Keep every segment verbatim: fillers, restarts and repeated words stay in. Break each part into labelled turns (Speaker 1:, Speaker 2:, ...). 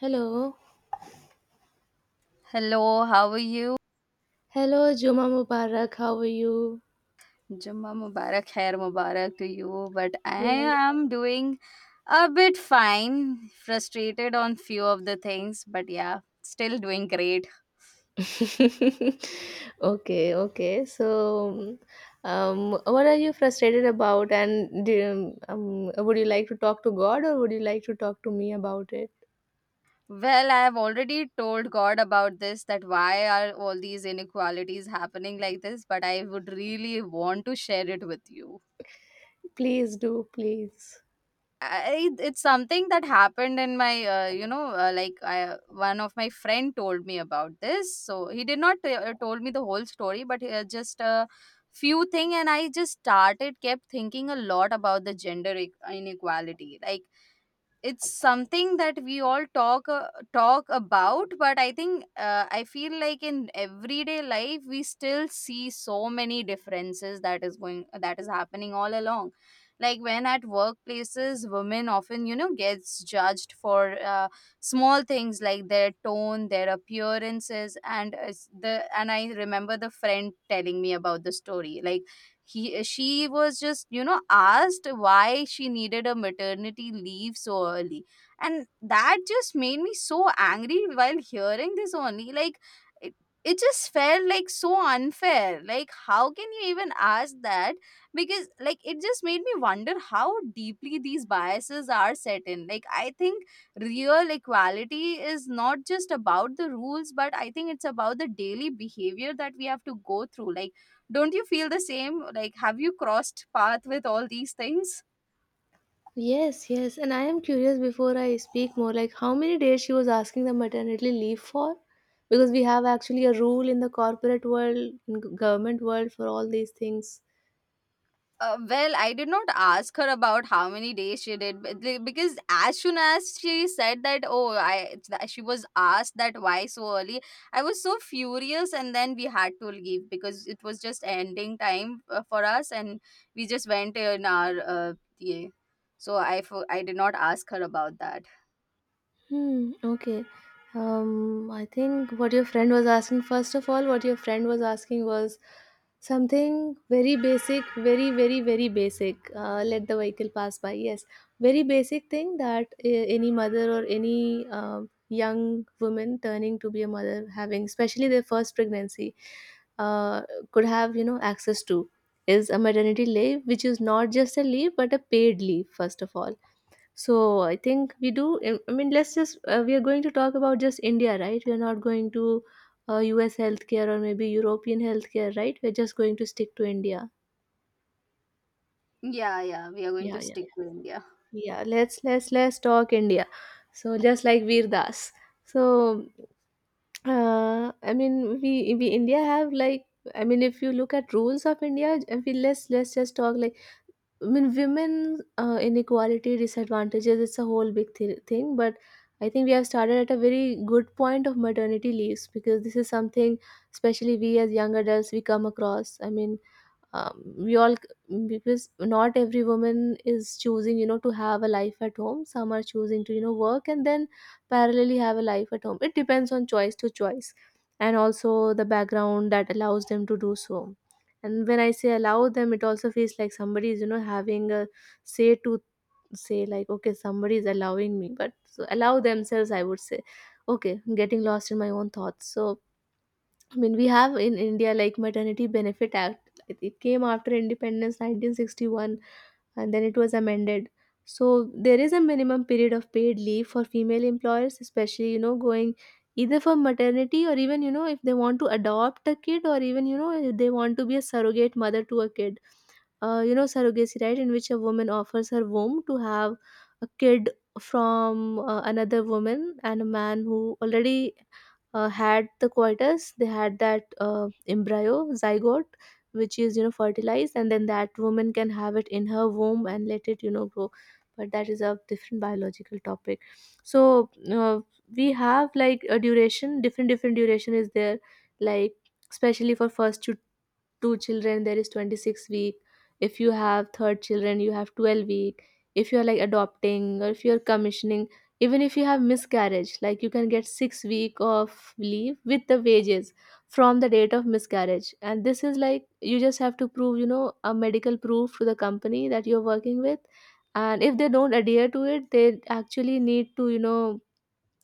Speaker 1: Hello.
Speaker 2: Hello, how are you?
Speaker 1: Hello, Juma Mubarak. How are you?
Speaker 2: Jumma Mubarak, Khair Mubarak to you. But I
Speaker 1: Yes.
Speaker 2: am doing a bit fine, frustrated on few of the things, but yeah, still doing great.
Speaker 1: okay, okay. So, um, what are you frustrated about? And do you, um, would you like to talk to God or would you like to talk to me about it?
Speaker 2: Well, I have already told God about this that why are all these inequalities happening like this, but I would really want to share it with you.
Speaker 1: Please do, please.
Speaker 2: I, it's something that happened in my uh, you know uh, like I, one of my friend told me about this, so he did not uh, told me the whole story, but uh, just a few thing. And I just started kept thinking a lot about the gender e- inequality. Like, it's something that we all talk uh, talk about, but I think uh, I feel like in everyday life we still see so many differences that is going that is happening all along. Like, when at workplaces, women often you know gets judged for uh, small things like their tone, their appearances, and uh, s- the and I remember the friend telling me about the story. Like, he she was just you know asked why she needed a maternity leave so early, and that just made me so angry while hearing this only. Like, it, it just felt like so unfair. Like, how can you even ask that? Because, like, it just made me wonder how deeply these biases are set in. Like, I think real equality is not just about the rules, but I think it's about the daily behavior that we have to go through. Like, don't you feel the same? Like, have you crossed path with all these things?
Speaker 1: Yes, yes. And I am curious before I speak more, like how many days she was asking the maternity leave for? Because we have actually a rule in the corporate world, in g- government world for all these things.
Speaker 2: Uh, well, I did not ask her about how many days she did, but the- because as soon as she said that, oh, I that she was asked that why so early, I was so furious, and then we had to leave because it was just ending time uh, for us, and we just went in our uh, yeah. So I fo- I did not ask her about that.
Speaker 1: Hmm, okay. Um, I think what your friend was asking, first of all, what your friend was asking was something very basic, very, very, very basic. Uh, let the vehicle pass by. Yes, very basic thing that uh, any mother or any uh, young woman turning to be a mother having, especially their first pregnancy, uh, could have, you know, access to is a maternity leave, which is not just a leave, but a paid leave, first of all, so I think we do. I I mean, let's just uh, we are going to talk about just India, right? We are not going to uh, U S healthcare or maybe European healthcare, right? We're just going to stick to India.
Speaker 2: Yeah, yeah, we are going to
Speaker 1: Yeah, yeah,
Speaker 2: stick to India.
Speaker 1: yeah. Let's let's let's talk India. So just like Veer Das. So uh, I mean, we we India have like. I mean, if you look at rules of India, I mean, let's let's just talk like I mean, women uh, inequality disadvantages. It's a whole big th- thing, but I think we have started at a very good point of maternity leaves because this is something, especially we as young adults, we come across. I mean, um, we all because not every woman is choosing, you know, to have a life at home. Some are choosing to, you know, work and then parallelly have a life at home. It depends on choice to choice, and also the background that allows them to do so. And when I say allow them, it also feels like somebody is, you know, having a say to say like, okay, somebody is allowing me, but so allow themselves, I would say. Okay, getting lost in my own thoughts. So I mean, we have in India like maternity benefit act, it it came after independence nineteen sixty-one, and then it was amended. So there is a minimum period of paid leave for female employers, especially, you know, going either for maternity, or even, you know, if they want to adopt a kid, or even, you know, if they want to be a surrogate mother to a kid. Uh, you know, surrogacy, right, in which a woman offers her womb to have a kid from uh, another woman and a man who already uh, had the coitus, they had that uh, embryo, zygote, which is, you know, fertilized, and then that woman can have it in her womb and let it, you know, grow. But that is a different biological topic. So uh, we have like a duration, different different duration is there, like especially for first to two children there is twenty-six week. If you have third children you have twelve week. If you're like adopting or if you're commissioning, even if you have miscarriage, like you can get six week of leave with the wages from the date of miscarriage. And this is like you just have to prove, you know, a medical proof to the company that you're working with. And if they don't adhere to it, they actually need to, you know,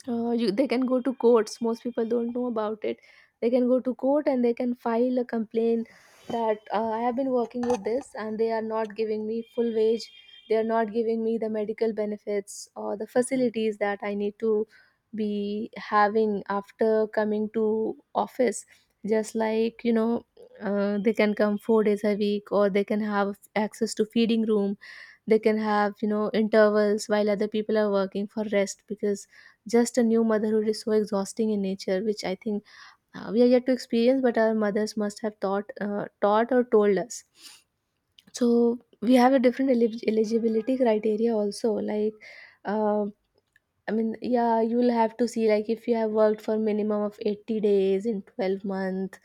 Speaker 1: uh, you, they can go to courts. Most people don't know about it. They can go to court and they can file a complaint that uh, I have been working with this and they are not giving me full wage. They are not giving me the medical benefits or the facilities that I need to be having after coming to office. Just like, you know, uh, they can come four days a week, or they can have access to feeding room. They can have, you know, intervals while other people are working for rest, because just a new motherhood is so exhausting in nature, which I think uh, we are yet to experience, but our mothers must have taught uh, taught or told us. So we have a different elig- eligibility criteria also, like uh, I mean, yeah, you will have to see, like if you have worked for minimum of eighty days in twelve month,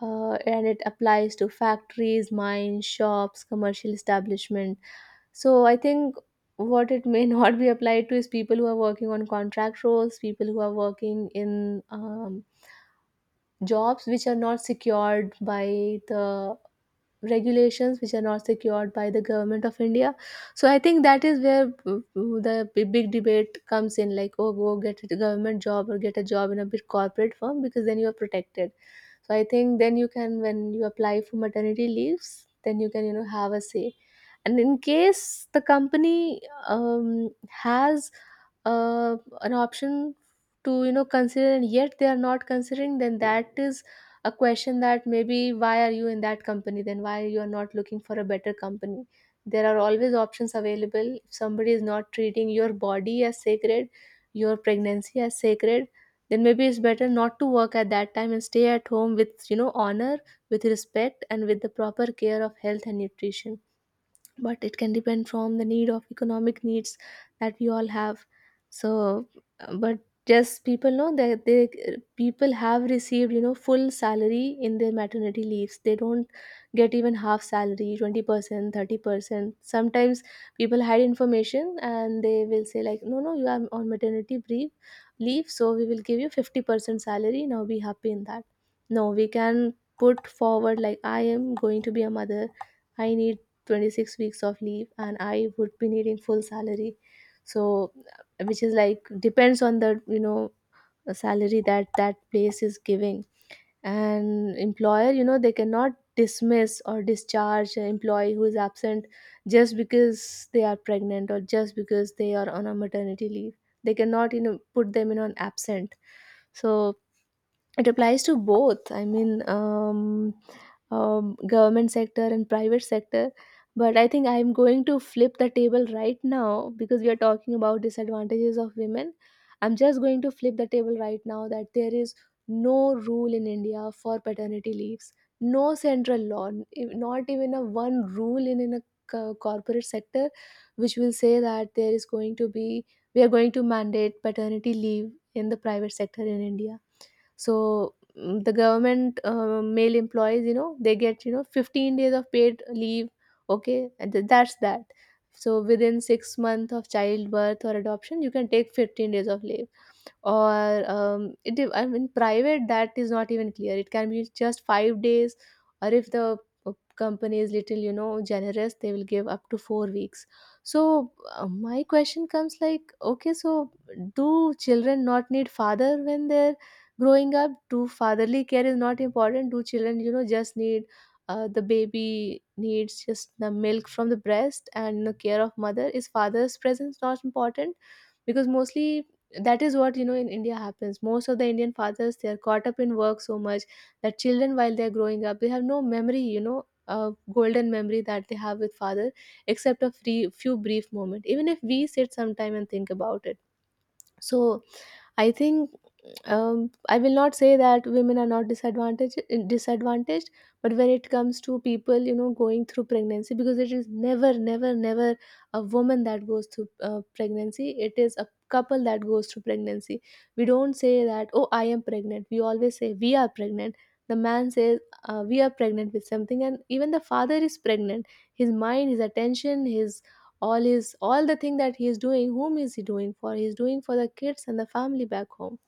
Speaker 1: uh, and it applies to factories, mines, shops, commercial establishment. So I think what it may not be applied to is people who are working on contract roles, people who are working in um, jobs which are not secured by the regulations, which are not secured by the government of India. So I think that is where uh, uh, the b- big debate comes in, like, oh, go get a government job or get a job in a big corporate firm, because then you are protected. So I think then you can, when you apply for maternity leaves, then you can, you know, have a say. And in case the company um, has uh, an option to, you know, consider, and yet they are not considering, then that is a question that maybe why are you in that company then, why you are not looking for a better company. There are always options available. If somebody is not treating your body as sacred, your pregnancy as sacred, then maybe it's better not to work at that time and stay at home with, you know, honor, with respect, and with the proper care of health and nutrition. But it can depend from the need of economic needs that we all have. So but just people know that they, people have received, you know, full salary in their maternity leaves. They don't get even half salary, twenty percent, thirty percent. Sometimes people hide information and they will say like, no, no, you are on maternity brief leave, so we will give you fifty percent salary, now be happy in that. No, we can put forward like, I am going to be a mother, I need twenty-six weeks of leave, and I would be needing full salary. So uh, which is like depends on the, you know, the salary that that place is giving. And employer, you know, they cannot dismiss or discharge an employee who is absent just because they are pregnant, or just because they are on a maternity leave. They cannot, you know, put them in on absent. So it applies to both, I mean, um, um, government sector and private sector. But I think I'm going to flip the table right now, because we are talking about disadvantages of women. I'm just going to flip the table right now, that there is no rule in India for paternity leaves. No central law, if- not even a one rule in, in a co- corporate sector, which will say that there is going to be, we are going to mandate paternity leave in the private sector in India. So mm, the government uh, male employees, you know, they get, you know, fifteen days of paid leave. Okay, and th- that's that. So within six months of childbirth or adoption you can take fifteen days of leave. Or um, it, de- I mean, private that is not even clear. It can be just five days, or if the uh, company is little, you know, generous, they will give up to four weeks. So uh, my question comes like, okay, so do children not need father when they're growing up? Do fatherly care is not important? Do children, you know, just need uh, the baby needs just the milk from the breast and the care of mother, is father's presence not important? Because mostly that is what, you know, in India happens. Most of the Indian fathers, they are caught up in work so much that children, while they are growing up, they have no memory, you know, uh, golden memory that they have with father, except a free, few brief moment, even if we sit sometime and think about it. So I think um, I will not say that women are not disadvantaged disadvantaged, but when it comes to people, you know, going through pregnancy, because it is never, never, never a woman that goes through uh, pregnancy. It is a couple that goes through pregnancy. We don't say that, oh, I am pregnant. We always say we are pregnant. The man says uh, we are pregnant with something, and even the father is pregnant. His mind, his attention, his all is all the thing that he is doing. Whom is he doing for? He is doing for the kids and the family back home.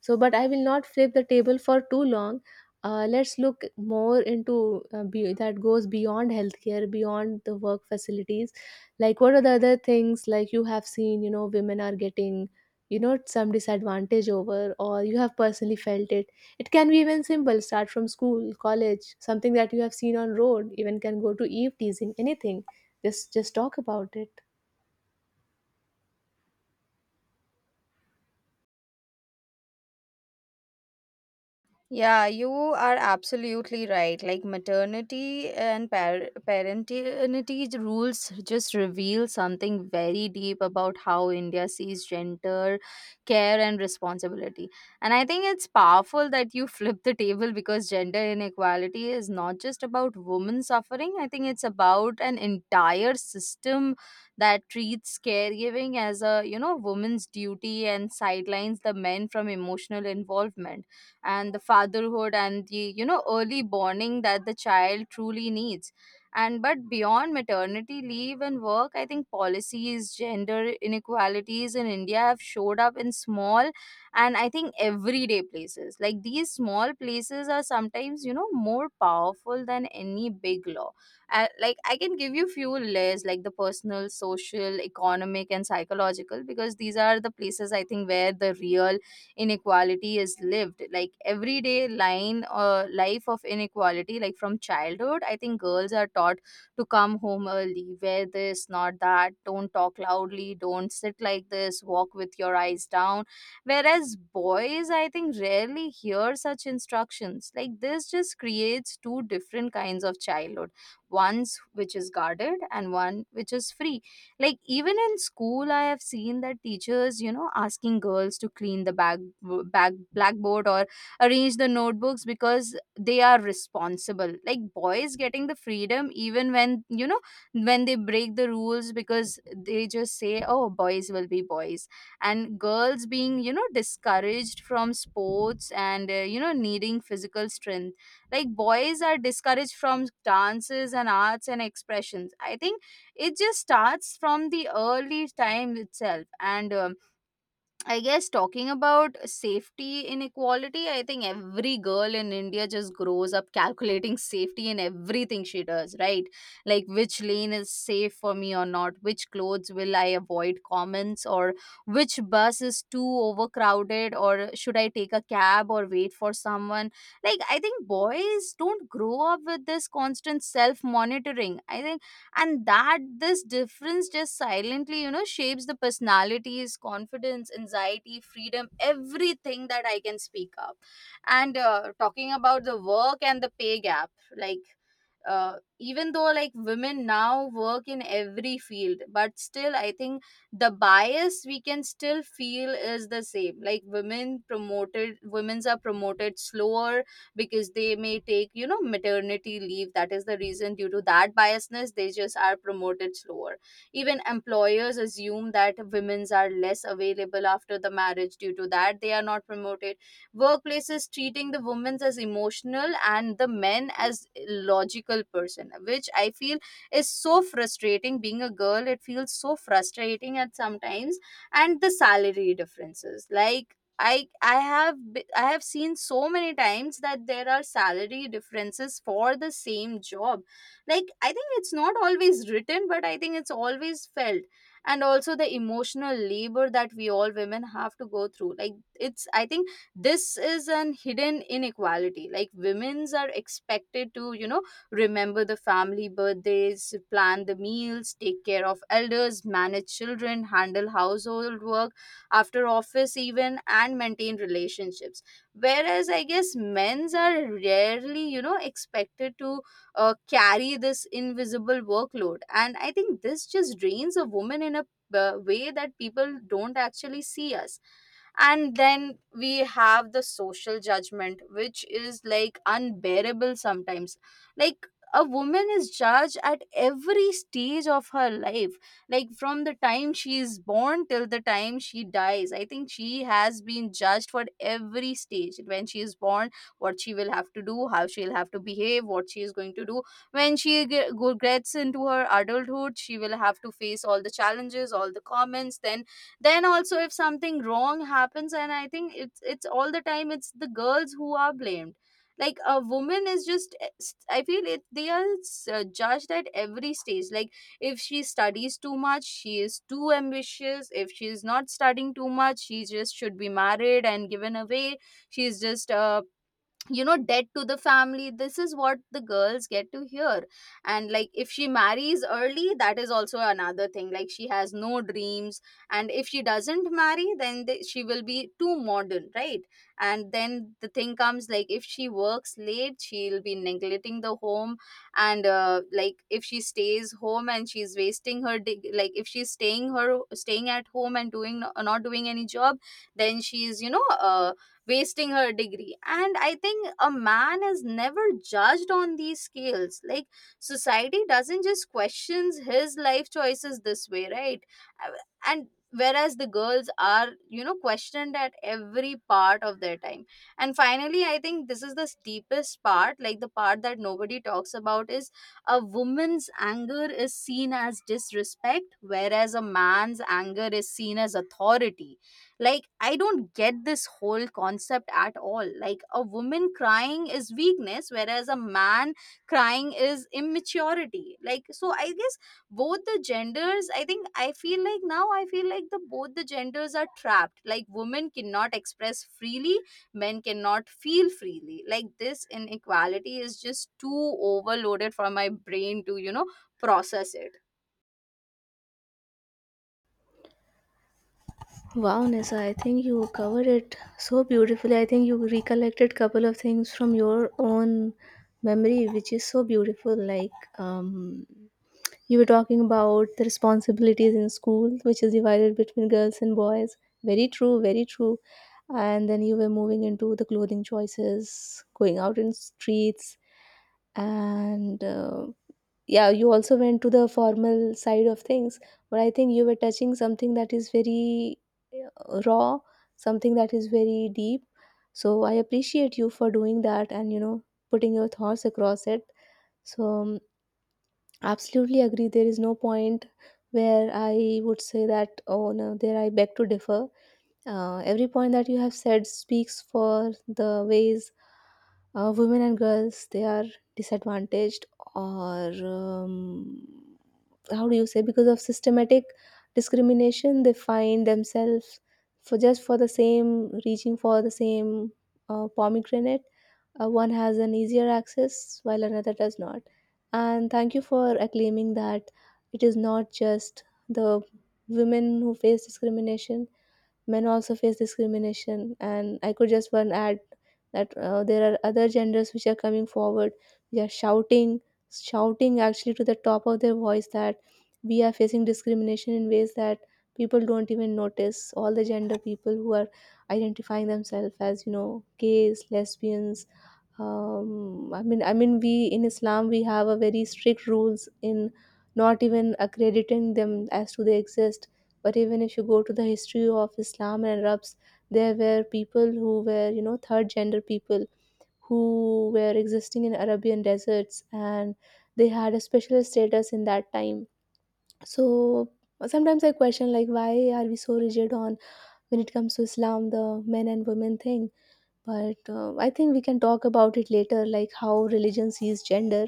Speaker 1: So, but I will not flip the table for too long. Uh, let's look more into uh, be- that goes beyond healthcare, beyond the work facilities, like what are the other things, like you have seen, you know women are getting you know some disadvantage over, or you have personally felt it. It can be even simple, start from school, college, something that you have seen on road, even can go to eve teasing, anything. Just just talk about it.
Speaker 2: Yeah, you are absolutely right. Like, maternity and par- parentity rules just reveal something very deep about how India sees gender, care, and responsibility. And I think it's powerful that you flip the table, because gender inequality is not just about women suffering. I think it's about an entire system that treats caregiving as a you know woman's duty and sidelines the men from emotional involvement and the fatherhood and the you know early bonding that the child truly needs. And but beyond maternity leave and work, I think policies, gender inequalities in India have showed up in small and, I think, everyday places. Like, these small places are sometimes you know more powerful than any big law. Uh, like, I can give you few layers like the personal, social, economic, and psychological, because these are the places, I think, where the real inequality is lived. Like, everyday line uh, life of inequality. Like, from childhood, I think girls are taught to come home early, wear this not that, don't talk loudly, don't sit like this, walk with your eyes down, whereas boys, I think, rarely hear such instructions. Like, this just creates two different kinds of childhood: one's which is guarded and one which is free. Like, even in school, I have seen that teachers, you know, asking girls to clean the back, back blackboard or arrange the notebooks, because they are responsible. Like, boys getting the freedom even when, you know, when they break the rules, because they just say, "Oh, boys will be boys," and girls being you know discouraged from sports and uh, you know needing physical strength. Like, boys are discouraged from dances and arts and expressions. I think it just starts from the early time itself. And um, I guess, talking about safety inequality, I think every girl in India just grows up calculating safety in everything she does, right? Like, which lane is safe for me or not, which clothes will I avoid comments, or which bus is too overcrowded, or should I take a cab or wait for someone? Like, I think boys don't grow up with this constant self monitoring, I think. And that this difference just silently, you know, shapes the personalities, confidence, anxiety, freedom, everything, that I can speak up. And uh, talking about the work and the pay gap, like, uh, even though, like, women now work in every field, but still I think the bias we can still feel is the same. Like, women promoted women's are promoted slower because they may take, you know, maternity leave. That is the reason, due to that biasness, they just are promoted slower. Even employers assume that women's are less available after the marriage, due to that they are not promoted. Workplaces treating the women as emotional and the men as logical person, which I feel is so frustrating. Being a girl, it feels so frustrating at sometimes. And the salary differences, like, I I have be- I have seen so many times that there are salary differences for the same job. Like, I think it's not always written, but I think it's always felt. And also the emotional labor that we all women have to go through. Like, it's I think this is an hidden inequality. Like, women's are expected to, you know, remember the family birthdays, plan the meals, take care of elders, manage children, handle household work after office even, and maintain relationships, whereas, I guess, men's are rarely, you know, expected to uh, carry this invisible workload. And I think this just drains a woman in a uh, way that people don't actually see us. And then we have the social judgment, which is like unbearable sometimes. Like, a woman is judged at every stage of her life. Like, from the time she is born till the time she dies, I think she has been judged for every stage. When she is born, what she will have to do, how she'll have to behave, what she is going to do. When she ge- go- gets into her adulthood, she will have to face all the challenges, all the comments. Then then also, if something wrong happens, and I think it's it's all the time it's the girls who are blamed. Like, a woman is just, I feel it, they are uh, judged at every stage. Like, if she studies too much, she is too ambitious. If she is not studying too much, she just should be married and given away. She's just uh, you know dead to the family. This is what the girls get to hear. And, like, if she marries early, that is also another thing. Like, she has no dreams. And if she doesn't marry, then they, she will be too modern, right? And then the thing comes, like, if she works late, she'll be neglecting the home. And uh, like, if she stays home and she's wasting her dig- like, if she's staying her staying at home and doing not doing any job, then she's you know uh, wasting her degree. And I think a man is never judged on these scales. Like, society doesn't just questions his life choices this way, right? And whereas the girls are, you know, questioned at every part of their time. And finally, I think this is the steepest part, like, the part that nobody talks about is: a woman's anger is seen as disrespect, whereas a man's anger is seen as authority. Like, I don't get this whole concept at all. Like, a woman crying is weakness, whereas a man crying is immaturity. Like, so I guess both the genders, I think I feel like now I feel like the both the genders are trapped. Like, women cannot express freely, men cannot feel freely. Like, this inequality is just too overloaded for my brain to, you know, process it.
Speaker 1: Wow, Nisa, I think you covered it so beautifully. I think you recollected couple of things from your own memory, which is so beautiful. Like, um, you were talking about the responsibilities in school, which is divided between girls and boys. Very true, very true. And then you were moving into the clothing choices, going out in streets, and uh, yeah, you also went to the formal side of things. But I think you were touching something that is very uh, raw, something that is very deep. So I appreciate you for doing that, and you know, putting your thoughts across it. So um, absolutely agree. There is no point where I would say that, oh no, there I beg to differ. Uh, every point that you have said speaks for the ways uh, women and girls, they are disadvantaged, or um, how do you say, because of systematic discrimination they find themselves, for just for the same, reaching for the same uh, pomegranate, uh, one has an easier access while another does not. And thank you for acclaiming that it is not just the women who face discrimination, men also face discrimination. And I could just one add that uh, there are other genders which are coming forward. They are shouting, shouting actually to the top of their voice that we are facing discrimination in ways that people don't even notice. All the gender people who are identifying themselves as, you know, gays, lesbians, um, I mean, I mean, we in Islam, we have a very strict rules in not even accrediting them as to they exist. But even if you go to the history of Islam and Arabs, there were people who were, you know, third gender people who were existing in Arabian deserts, and they had a special status in that time. So sometimes I question, like, why are we so rigid on, when it comes to Islam, the men and women thing? But uh, I think we can talk about it later, like how religion sees gender.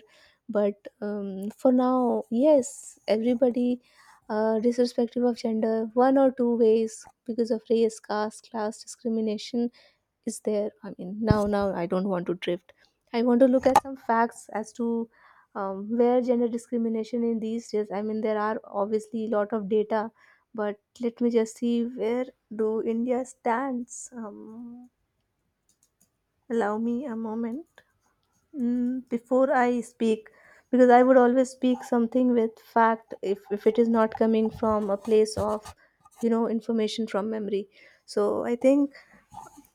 Speaker 1: But um, for now, yes, everybody, uh, disrespective of gender, one or two ways, because of race, caste, class, discrimination is there. I mean, now now I don't want to drift. I want to look at some facts as to um, where gender discrimination in these days. I mean, there are obviously a lot of data, but let me just see where do india stands. um, Allow me a moment. Mm, before I speak, because I would always speak something with fact, if, if it is not coming from a place of, you know, information from memory. So I think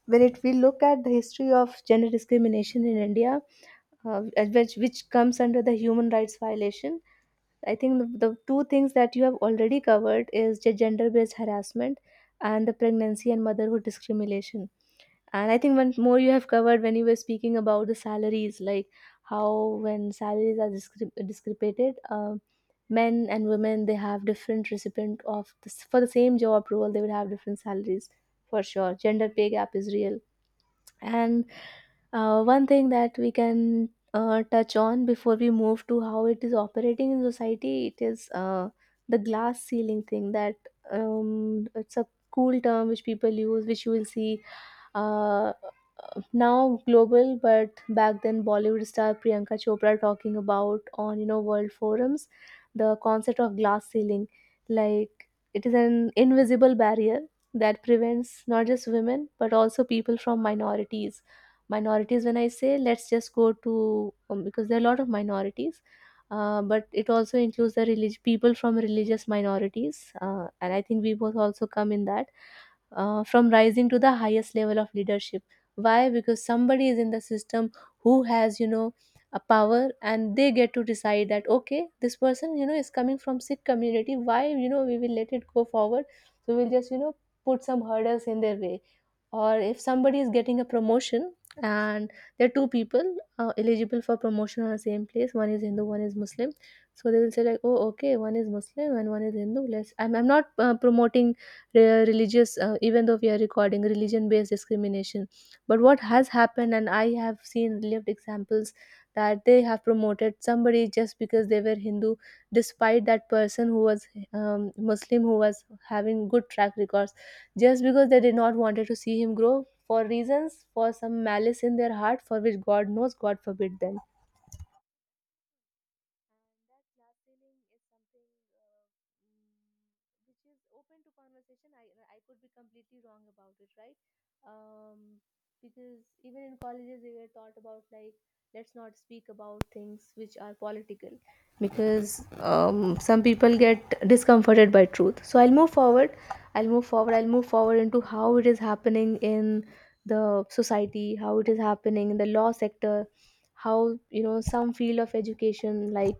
Speaker 1: when it we look at the history of gender discrimination in India, uh, at which which comes under the human rights violation, I think the, the two things that you have already covered is gender based harassment and the pregnancy and motherhood discrimination. And I think one more you have covered when you were speaking about the salaries, like how when salaries are discre- discrepated, uh, men and women, they have different recipient of this. For the same job role they would have different salaries for sure. Gender pay gap is real. And uh, one thing that we can uh, touch on before we move to how it is operating in society, it is uh, the glass ceiling thing. That um, it's a cool term which people use, which you will see uh, now global, but back then, Bollywood star Priyanka Chopra talking about on, you know, world forums the concept of glass ceiling. Like, it is an invisible barrier that prevents not just women but also people from minorities. Minorities, when I say, let's just go to um, because there are a lot of minorities, uh, but it also includes the relig- people from religious minorities, uh, and I think we both also come in that, uh, from rising to the highest level of leadership. Why? Because somebody is in the system who has, you know, a power, and they get to decide that, okay, this person, you know, is coming from Sikh community, why, you know, we will let it go forward? So we'll just, you know, put some hurdles in their way. Or if somebody is getting a promotion, and there are two people uh, eligible for promotion on the same place, one is hindu, one is muslim, so they will say like, oh, okay, one is muslim and one is hindu, let's i'm, I'm not uh, promoting re- religious, uh, even though we are recording religion based discrimination. But what has happened, and I have seen lived examples, that they have promoted somebody just because they were hindu, despite that person who was um, muslim, who was having good track records, just because they did not wanted to see him grow, for reasons, for some malice in their heart, for which god knows, god forbid them. And that glass ceiling is something, uh, mm, which is open to conversation. I i could be completely wrong about it, right? um, because even in colleges they were taught about, like, let's not speak about things which are political, because um, some people get discomforted by truth. So I'll move forward. I'll move forward. I'll move forward into how it is happening in the society, how it is happening in the law sector, how, you know, some field of education, like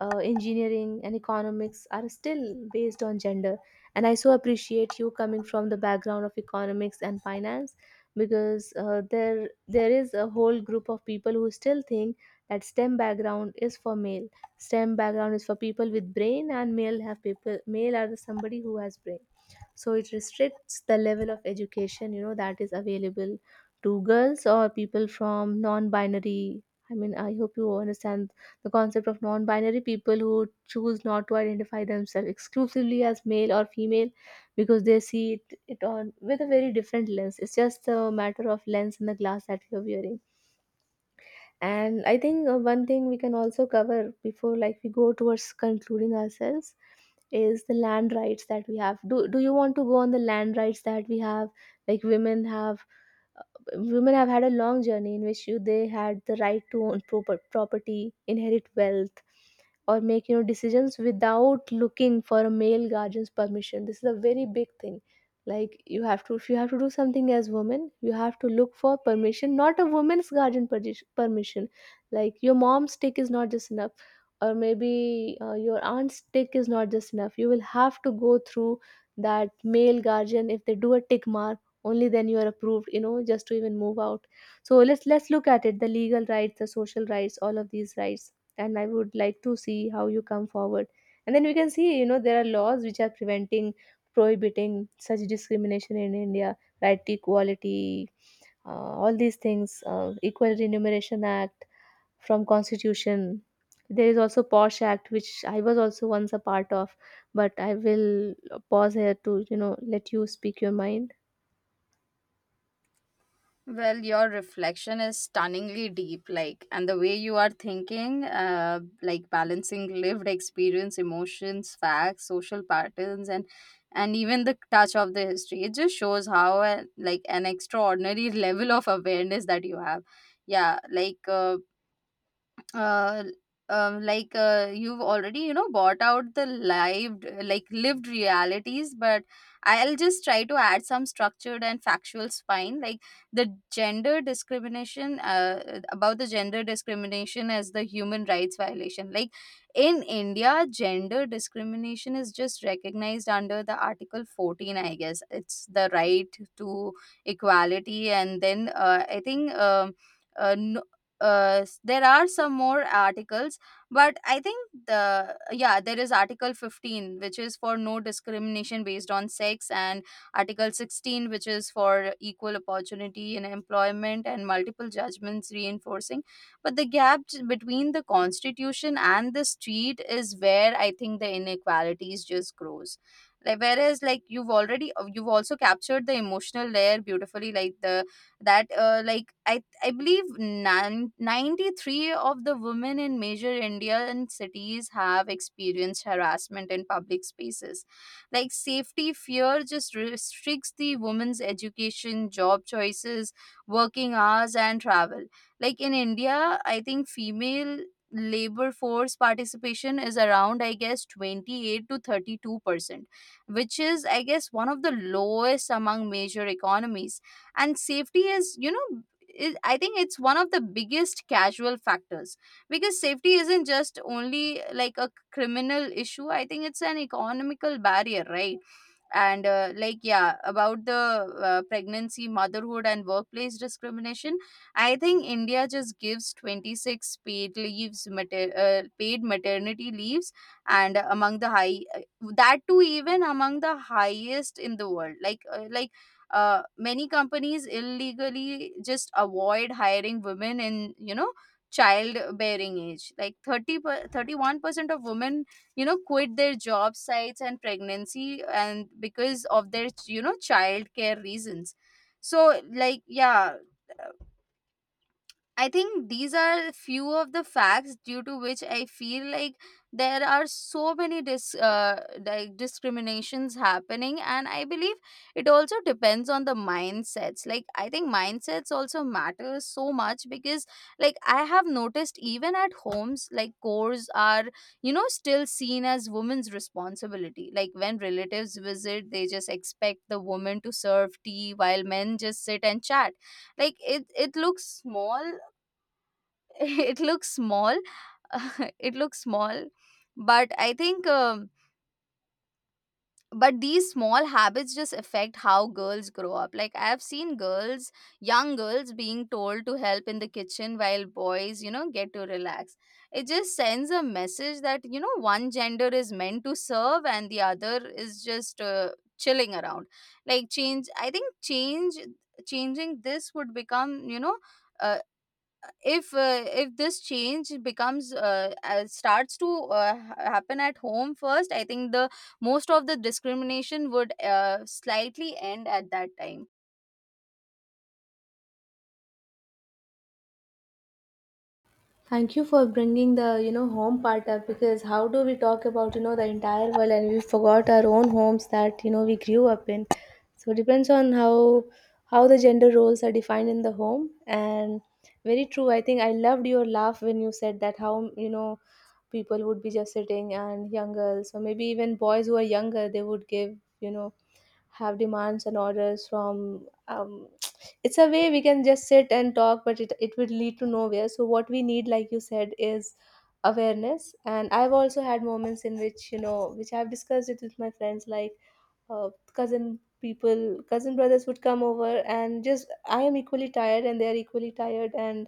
Speaker 1: uh, engineering and economics, are still based on gender. And I so appreciate you coming from the background of economics and finance, because uh, there there is a whole group of people who still think that stem background is for male, stem background is for people with brain, and male have people, male are somebody who has brain. So it restricts the level of education, you know, that is available to girls or people from non-binary. I mean, I hope you understand the concept of non binary, people who choose not to identify themselves exclusively as male or female, because they see it, it on with a very different lens. It's just a matter of lens and the glass that we are wearing. And I think uh, one thing we can also cover before, like, we go towards concluding ourselves is the land rights that we have. Do do you want to go on the land rights that we have? Like, women have, women have had a long journey in which you, they had the right to own proper property, inherit wealth, or make, you know, decisions without looking for a male guardian's permission. This is a very big thing. Like you have to, if you have to do something as woman, you have to look for permission, not a woman's guardian perdi- permission. Like, your mom's tick is not just enough, or maybe uh, your aunt's tick is not just enough. You will have to go through that male guardian. If they do a tick mark, only then you are approved, you know, just to even move out. So let's let's look at it, the legal rights, the social rights, all of these rights. And I would like to see how you come forward, and then we can see, you know, there are laws which are preventing, prohibiting such discrimination in India. Right to equality, uh, all these things, uh, equal remuneration act from constitution. There is also posh act which I was also once a part of. But I will pause here to, you know, let you speak your mind.
Speaker 2: Well, your reflection is stunningly deep, like, and the way you are thinking, uh, like, balancing lived experience, emotions, facts, social patterns, and and even the touch of the history. It just shows how, uh, like, an extraordinary level of awareness that you have. Yeah, like, uh, uh, um, like uh, you've already, you know, bought out the lived like lived realities. But I'll just try to add some structured and factual spine, like, the gender discrimination, uh, about the gender discrimination as the human rights violation. Like, in India, gender discrimination is just recognized under the article fourteen, I guess, it's the right to equality. And then uh, I think, um, uh, no, uh, s- there are some more articles. But I think the yeah, there is article fifteen, which is for no discrimination based on sex, and article sixteen, which is for equal opportunity in employment and multiple judgments reinforcing. But the gap j- between the constitution and the street is where I think the inequalities just grows. Like, whereas, like, you've already you've also captured the emotional layer beautifully. Like, the that uh, like i I believe nan- ninety-three of the women in major Indian cities have experienced harassment in public spaces. Like, safety fear just restricts the women's education, job choices, working hours, and travel. Like, in India, I think female labor force participation is around, I guess, twenty-eight to thirty-two percent, which is, I guess, one of the lowest among major economies. And safety is you know it, I think it's one of the biggest casual factors, because safety isn't just only like a criminal issue, I think it's an economical barrier, right? And uh, like, yeah, about the uh, pregnancy, motherhood, and workplace discrimination, I think India just gives twenty-six paid leaves mater- uh, paid maternity leaves. And among the high uh, that too, even among the highest in the world. Like, uh, like uh, many companies illegally just avoid hiring women in, you know, childbearing age. Like, thirty per, thirty-one percent of women, you know, quit their job sites and pregnancy and because of their, you know, childcare reasons. So, like, yeah, I think these are few of the facts due to which I feel like there are so many dis uh, like, discriminations happening. And I believe it also depends on the mindsets. Like, I think mindsets also matter so much, because, like, I have noticed even at homes, like, cores are, you know, still seen as women's responsibility. Like, when relatives visit, they just expect the woman to serve tea while men just sit and chat. Like, it it looks small. It looks small. It looks small. But I think, um, but these small habits just affect how girls grow up. Like, I have seen girls young girls being told to help in the kitchen while boys, you know, get to relax. It just sends a message that, you know, one gender is meant to serve and the other is just uh, chilling around. Like, change I think, change changing this, would become you know uh, if uh, if this change becomes uh, uh, starts to uh, ha- happen at home first, I think the most of the discrimination would uh, slightly end at that time.
Speaker 1: Thank you for bringing the, you know, home part up, because how do we talk about, you know, the entire world and we forgot our own homes that, you know, we grew up in. So it depends on how how the gender roles are defined in the home. And very true. I think I loved your laugh when you said that how, you know, people would be just sitting and young girls or maybe even boys who are younger, they would give, you know, have demands and orders from um, it's a way we can just sit and talk, but it, it would lead to nowhere. So what we need, like you said, is awareness. And I've also had moments in which, you know, which I've discussed it with my friends, like, uh, cousin people cousin brothers would come over, and just I am equally tired and they are equally tired, and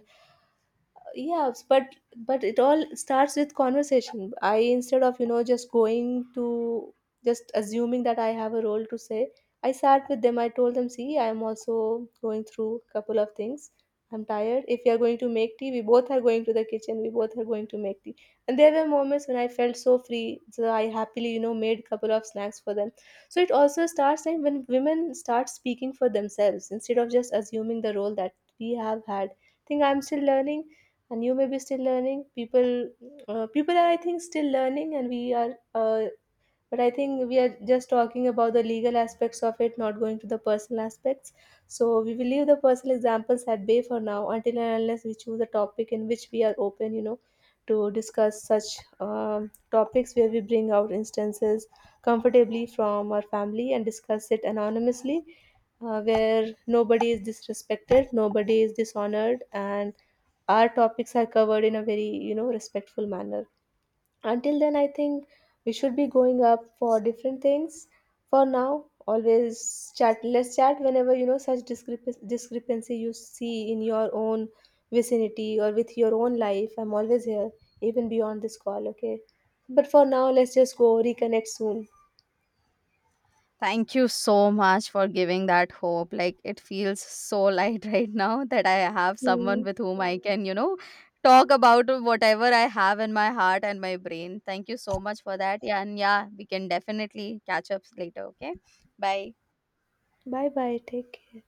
Speaker 1: yes, but but it all starts with conversation. I, instead of, you know, just going to, just assuming that I have a role to say, I sat with them. I told them, "See, I am also going through a couple of things. I'm tired. If you are going to make tea, we both are going to the kitchen. We both are going to make tea." And there were moments when I felt so free, so I happily, you know, made a couple of snacks for them. So it also starts time when women start speaking for themselves instead of just assuming the role that we have had. I think I'm still learning, and you may be still learning. People, uh, people are, I think, still learning, and we are uh, but I think we are just talking about the legal aspects of it, not going to the personal aspects. So we will leave the personal examples at bay for now, until and unless we choose a topic in which we are open, you know, to discuss such um, topics, where we bring out instances comfortably from our family and discuss it anonymously, uh, where nobody is disrespected, nobody is dishonored, and our topics are covered in a very, you know, respectful manner. Until then, I think we should be going up for different things. For now, always chat, let's chat whenever, you know, such discrepan- discrepancy you see in your own vicinity or with your own life. I'm always here, even beyond this call, okay? But for now, let's just go reconnect
Speaker 2: Thank you so much for giving that hope. Like, it feels so light right now, that I have someone
Speaker 1: soon.
Speaker 2: with whom I can, you know, talk about whatever I have in my heart and my brain. Thank you so much for that. Yeah. And yeah, we can definitely catch up later. Okay, bye.
Speaker 1: Bye bye, take care.